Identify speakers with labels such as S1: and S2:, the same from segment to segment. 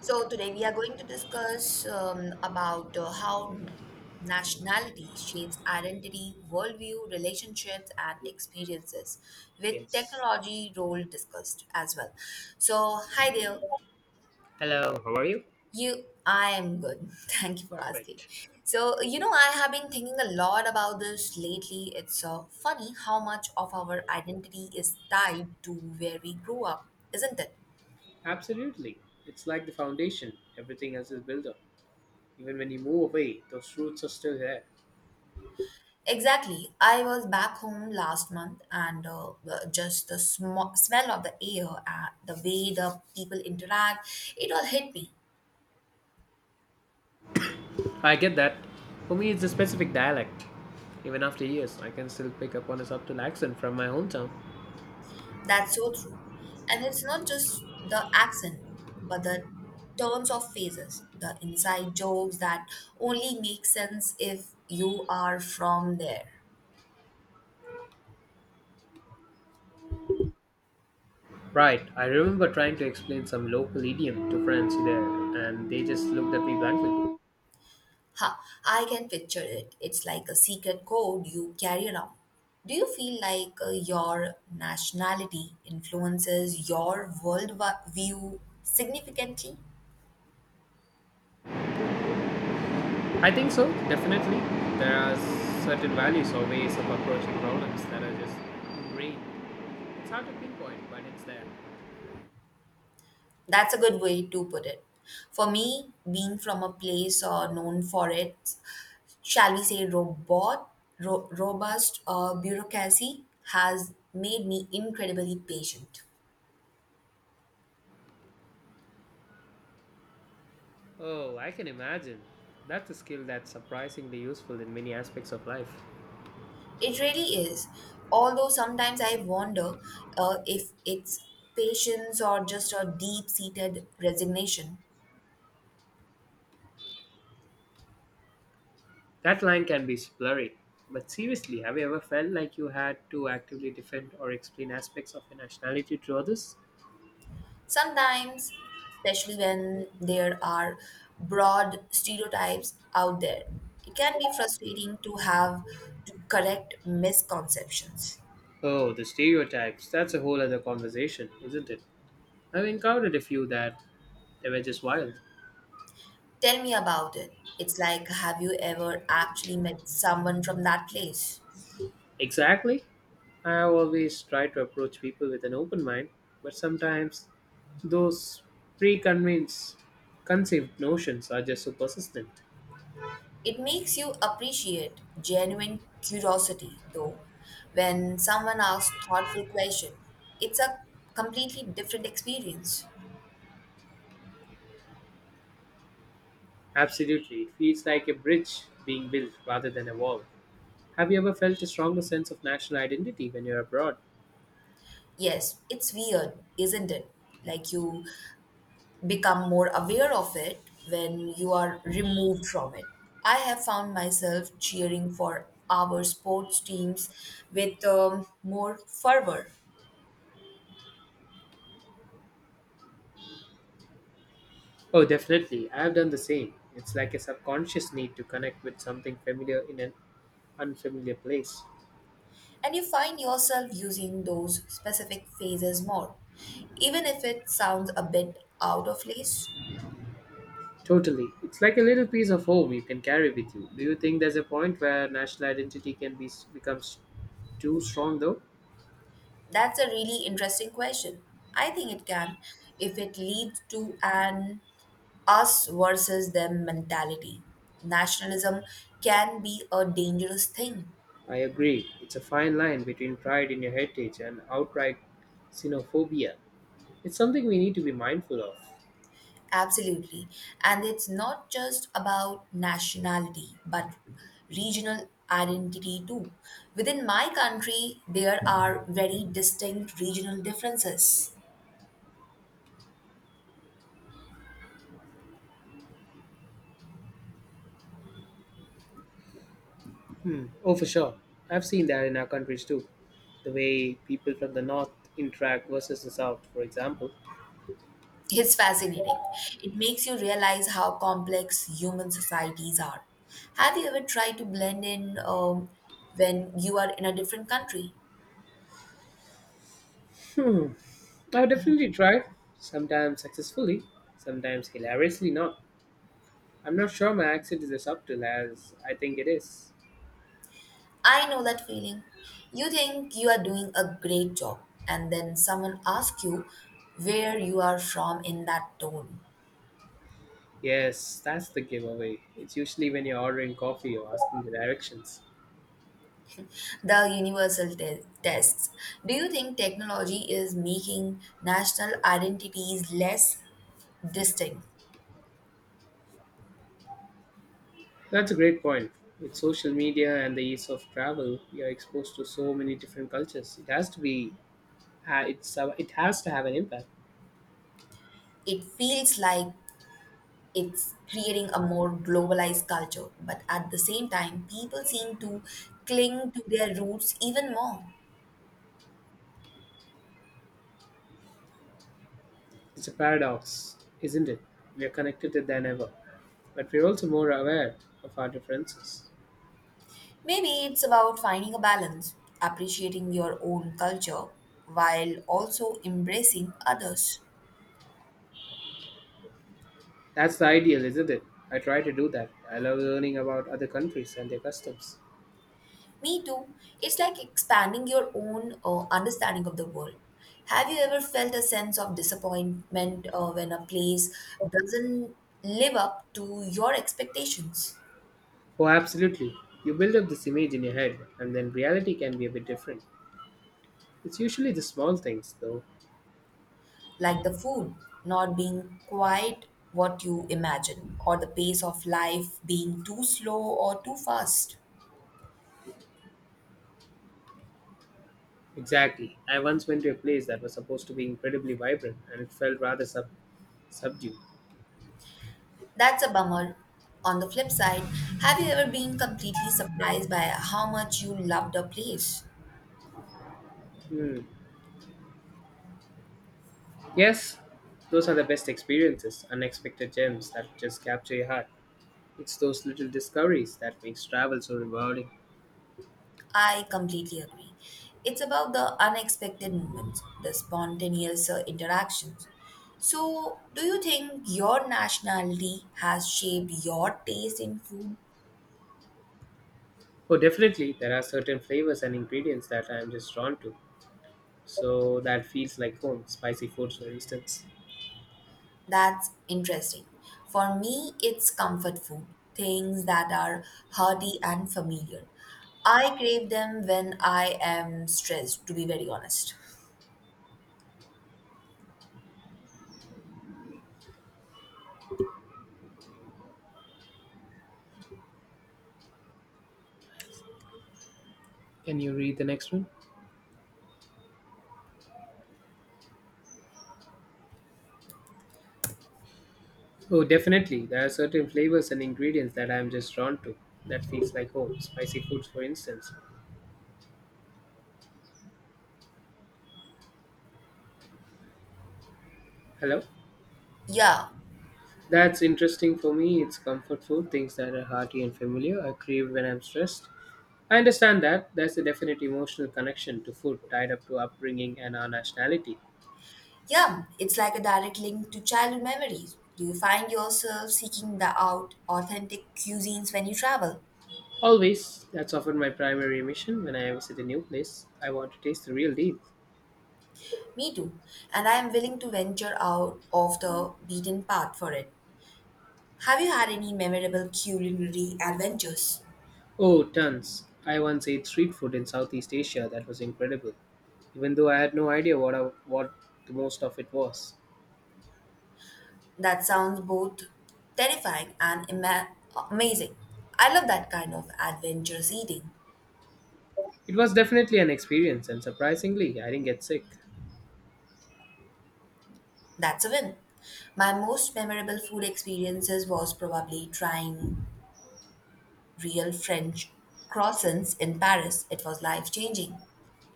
S1: So today we are going to discuss about how nationality shapes identity, worldview, relationships, and experiences, with
S2: Yes.
S1: technology role discussed as well. So hi there,
S2: Hello, how are you?
S1: you. I am good. Thank you for asking.
S2: Right.
S1: So you know I have been thinking a lot about this lately. It's funny how much of our identity is tied to where we grew up, isn't it?
S2: Absolutely. It's like the foundation. Everything else is built up. Even when you move away, those roots are still there.
S1: Exactly. I was back home last month and just the smell of the air and the way the people interact, it all hit me.
S2: I get that. For me, it's a specific dialect. Even after years, I can still pick up on a subtle accent from my hometown.
S1: That's so true. And it's not just the accent, but the turns of phrases, the inside jokes that only make sense if you are from there.
S2: Right, I remember trying to explain some local idiom to friends there, and they just looked at me blankly.
S1: Ha, I can picture it. It's like a secret code you carry around. Do you feel like your nationality influences your view significantly?
S2: I think so, definitely. There are certain values or ways of approaching problems that are just ingrained. It's hard to pinpoint, but it's there.
S1: That's a good way to put it. For me, being from a place known for its, shall we say, robust bureaucracy has made me incredibly patient.
S2: Oh, I can imagine. That's a skill that's surprisingly useful in many aspects of life.
S1: It really is. Although sometimes I wonder if it's patience or just a deep seated resignation.
S2: That line can be blurry. But seriously, have you ever felt like you had to actively defend or explain aspects of your nationality to others?
S1: Sometimes, especially when there are broad stereotypes out there, it can be frustrating to have to correct misconceptions.
S2: Oh, the stereotypes. That's a whole other conversation, isn't it? I've encountered a few that they were just wild.
S1: Tell me about it. It's like, have you ever actually met someone from that place?
S2: Exactly. I always try to approach people with an open mind, but sometimes those preconceived conceived notions are just so persistent.
S1: It makes you appreciate genuine curiosity, though. When someone asks thoughtful question, it's a completely different experience.
S2: Absolutely. It feels like a bridge being built rather than a wall. Have you ever felt a stronger sense of national identity when you're abroad?
S1: Yes, it's weird, isn't it? Like you become more aware of it when you are removed from it. I have found myself cheering for our sports teams with more fervor
S2: Oh, definitely. I have done the same. It's like a subconscious need to connect with something familiar in an unfamiliar place.
S1: and you find yourself using those specific phrases more, even if it sounds a bit out of place?
S2: Totally. It's like a little piece of home you can carry with you. Do you think there's a point where national identity can be becomes too strong though?
S1: That's a really interesting question. I think it can, if it leads to an us versus them mentality. Nationalism can be a dangerous thing.
S2: I agree. It's a fine line between pride in your heritage and outright xenophobia. It's something we need to be mindful of.
S1: Absolutely. And it's not just about nationality, but regional identity too. Within my country, there are very distinct regional differences.
S2: Hmm. Oh, for sure. I've seen that in our countries too. The way people from the north interact versus the south, for example.
S1: It's fascinating. It makes you realize how complex human societies are. Have you ever tried to blend in when you are in a different country?
S2: Hmm. I've definitely tried, sometimes successfully, sometimes hilariously not. I'm not sure my accent is as subtle as I think it is.
S1: I know that feeling. You think you are doing a great job, and then someone asks you where you are from in that tone.
S2: Yes, that's the giveaway. It's usually when you're ordering coffee or asking the directions.
S1: The universal tests. Do you think technology is making national identities less distinct?
S2: That's a great point. With social media and the ease of travel, you're exposed to so many different cultures. It has to be, it has to have an impact.
S1: It feels like it's creating a more globalized culture, but at the same time, people seem to cling to their roots even more.
S2: It's a paradox, isn't it? We are connected than ever, but we're also more aware of our differences.
S1: Maybe it's about finding a balance, appreciating your own culture while also embracing others.
S2: That's the ideal, isn't it? I try to do that. I love learning about other countries and their customs.
S1: Me too. It's like expanding your own understanding of the world. Have you ever felt a sense of disappointment when a place doesn't live up to your expectations?
S2: Oh, absolutely. You build up this image in your head, and then reality can be a bit different. It's usually the small things, though.
S1: Like the food not being quite what you imagine, or the pace of life being too slow or too fast?
S2: Exactly. I once went to a place that was supposed to be incredibly vibrant, and it felt rather subdued.
S1: That's a bummer. On the flip side, have you ever been completely surprised by how much you loved a place?
S2: Hmm. Yes, those are the best experiences, unexpected gems that just capture your heart. It's those little discoveries that makes travel so rewarding.
S1: I completely agree. It's about the unexpected moments, the spontaneous interactions. So, do you think your nationality has shaped your taste in food?
S2: Oh, definitely, there are certain flavors and ingredients that I'm just drawn to. So that feels like home, spicy foods, for instance.
S1: That's interesting. For me, it's comfort food, things that are hearty and familiar. I crave them when I am stressed, to be very honest.
S2: Can you read the next one? Oh, definitely, there are certain flavors and ingredients that I'm just drawn to. That feels like home, spicy foods, for instance. Hello?
S1: Yeah,
S2: That's interesting for me. It's comfort food, things that are hearty and familiar. I crave when I'm stressed. I understand that. There's a definite emotional connection to food tied up to upbringing and our nationality.
S1: yeah, it's like a direct link to childhood memories. Do you find yourself seeking the out authentic cuisines when you travel?
S2: Always, that's often my primary mission when I visit a new place. I want to taste the real deal.
S1: Me too, and I am willing to venture out of the beaten path for it. Have you had any memorable culinary adventures?
S2: Oh, tons. I once ate street food in Southeast Asia that was incredible, even though I had no idea what the most of it was.
S1: That sounds both terrifying and amazing. I love that kind of adventurous eating.
S2: It was definitely an experience, and surprisingly, I didn't get sick.
S1: That's a win. My most memorable food experiences was probably trying real French croissants in Paris. It was life changing.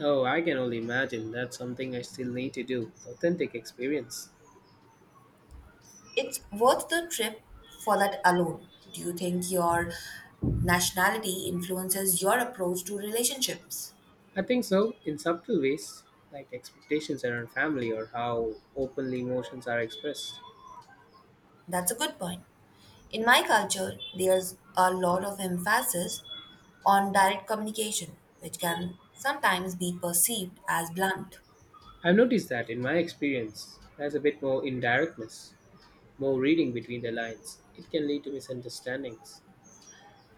S2: Oh, I can only imagine that's something I still need to do authentic experience.
S1: It's worth the trip for that alone. Do you think your nationality influences your approach to relationships?
S2: I think so, in subtle ways, like expectations around family or how openly emotions are expressed.
S1: That's a good point. In my culture, there's a lot of emphasis on direct communication, which can sometimes be perceived as blunt.
S2: I've noticed that in my experience, there's a bit more indirectness, more reading between the lines. It can lead to misunderstandings.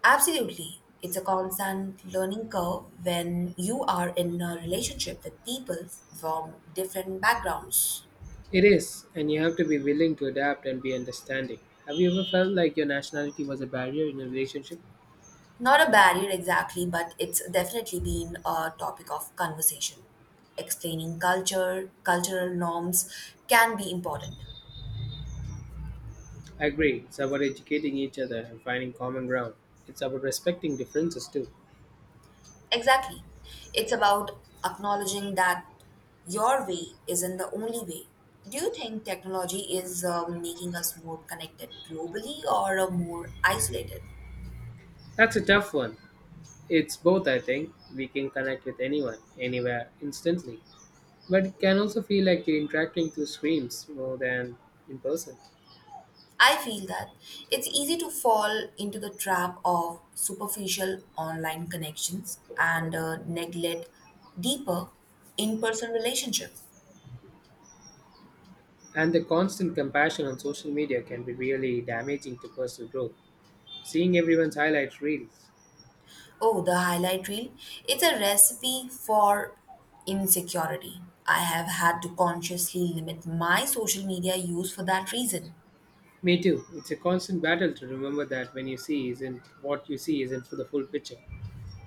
S1: Absolutely. It's a constant learning curve when you are in a relationship with people from different backgrounds.
S2: It is, and you have to be willing to adapt and be understanding. Have you ever felt like your nationality was a barrier in a relationship?
S1: Not a barrier exactly, but it's definitely been a topic of conversation. Explaining culture, cultural norms can be important.
S2: I agree. It's about educating each other and finding common ground. It's about respecting differences too.
S1: Exactly. It's about acknowledging that your way isn't the only way. Do you think technology is making us more connected globally or more isolated?
S2: That's a tough one. It's both, I think. We can connect with anyone, anywhere, instantly. But it can also feel like you're interacting through screens more than in person.
S1: I feel that it's easy to fall into the trap of superficial online connections and neglect deeper in person relationships.
S2: And the constant compassion on social media can be really damaging to personal growth. Seeing everyone's highlight reels.
S1: Oh, the highlight reel. It's a recipe for insecurity. I have had to consciously limit my social media use for that reason.
S2: Me too. It's a constant battle to remember that when you see isn't what you see isn't for the full picture.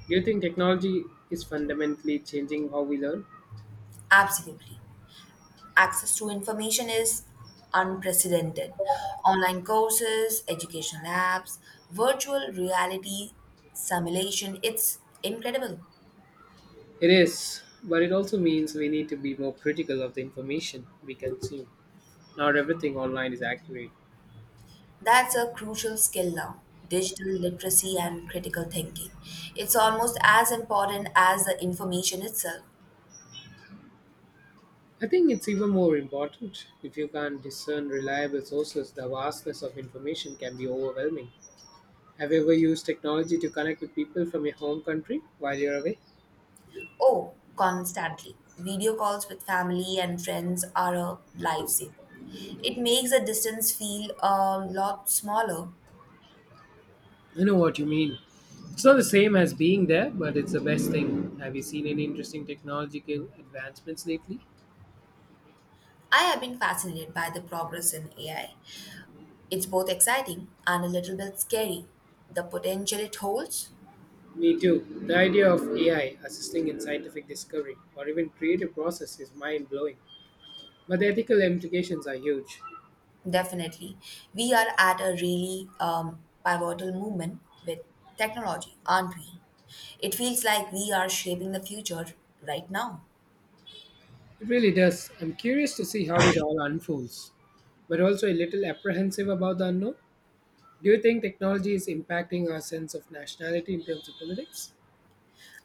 S2: Do you think technology is fundamentally changing how we learn?
S1: Absolutely. Access to information is unprecedented. Online courses, educational apps, virtual reality simulation, it's incredible.
S2: It is, but it also means we need to be more critical of the information we consume. Not everything online is accurate.
S1: That's a crucial skill now digital literacy and critical thinking. It's almost as important as the information itself.
S2: I think it's even more important if you can't discern reliable sources, the vastness of information can be overwhelming. Have you ever used technology to connect with people from your home country while you're away?
S1: Oh, constantly. Video calls with family and friends are a lifesaver. It makes the distance feel a lot smaller.
S2: I know what you mean. It's not the same as being there, but it's the best thing. Have you seen any interesting technological advancements lately?
S1: I have been fascinated by the progress in AI. It's both exciting and a little bit scary. The potential it holds,
S2: Me too. The idea of AI assisting in scientific discovery or even creative process is mind blowing, but the ethical implications are huge.
S1: definitely. We are at a really pivotal moment with technology, aren't we? It feels like we are shaping the future right now.
S2: It really does. I'm curious to see how it all unfolds. But also a little apprehensive about the unknown. Do you think technology is impacting our sense of nationality in terms of politics?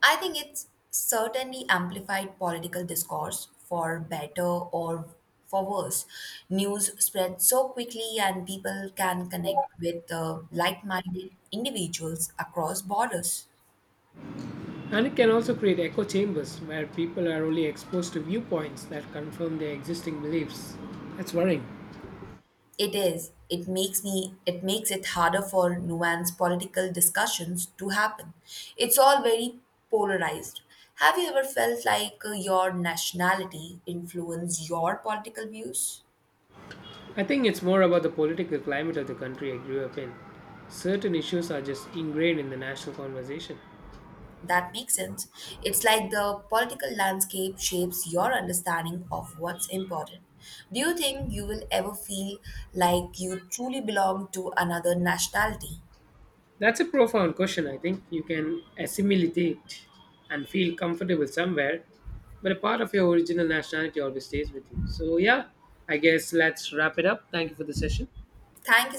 S1: I think it's certainly amplified political discourse for better or for worse. News spreads so quickly, and people can connect with like minded individuals across borders.
S2: And it can also create echo chambers where people are only exposed to viewpoints that confirm their existing beliefs. That's worrying.
S1: It is. It makes me. It makes it harder for nuanced political discussions to happen. It's all very polarized. Have you ever felt like your nationality influenced your political views?
S2: I think it's more about the political climate of the country I grew up in. Certain issues are just ingrained in the national conversation.
S1: That makes sense. It's like the political landscape shapes your understanding of what's important. Do you think you will ever feel like you truly belong to another nationality?
S2: That's a profound question, I think. You can assimilate it and feel comfortable somewhere, but a part of your original nationality always stays with you. So, yeah, I guess let's wrap it up. Thank you for the session.
S1: Thank you so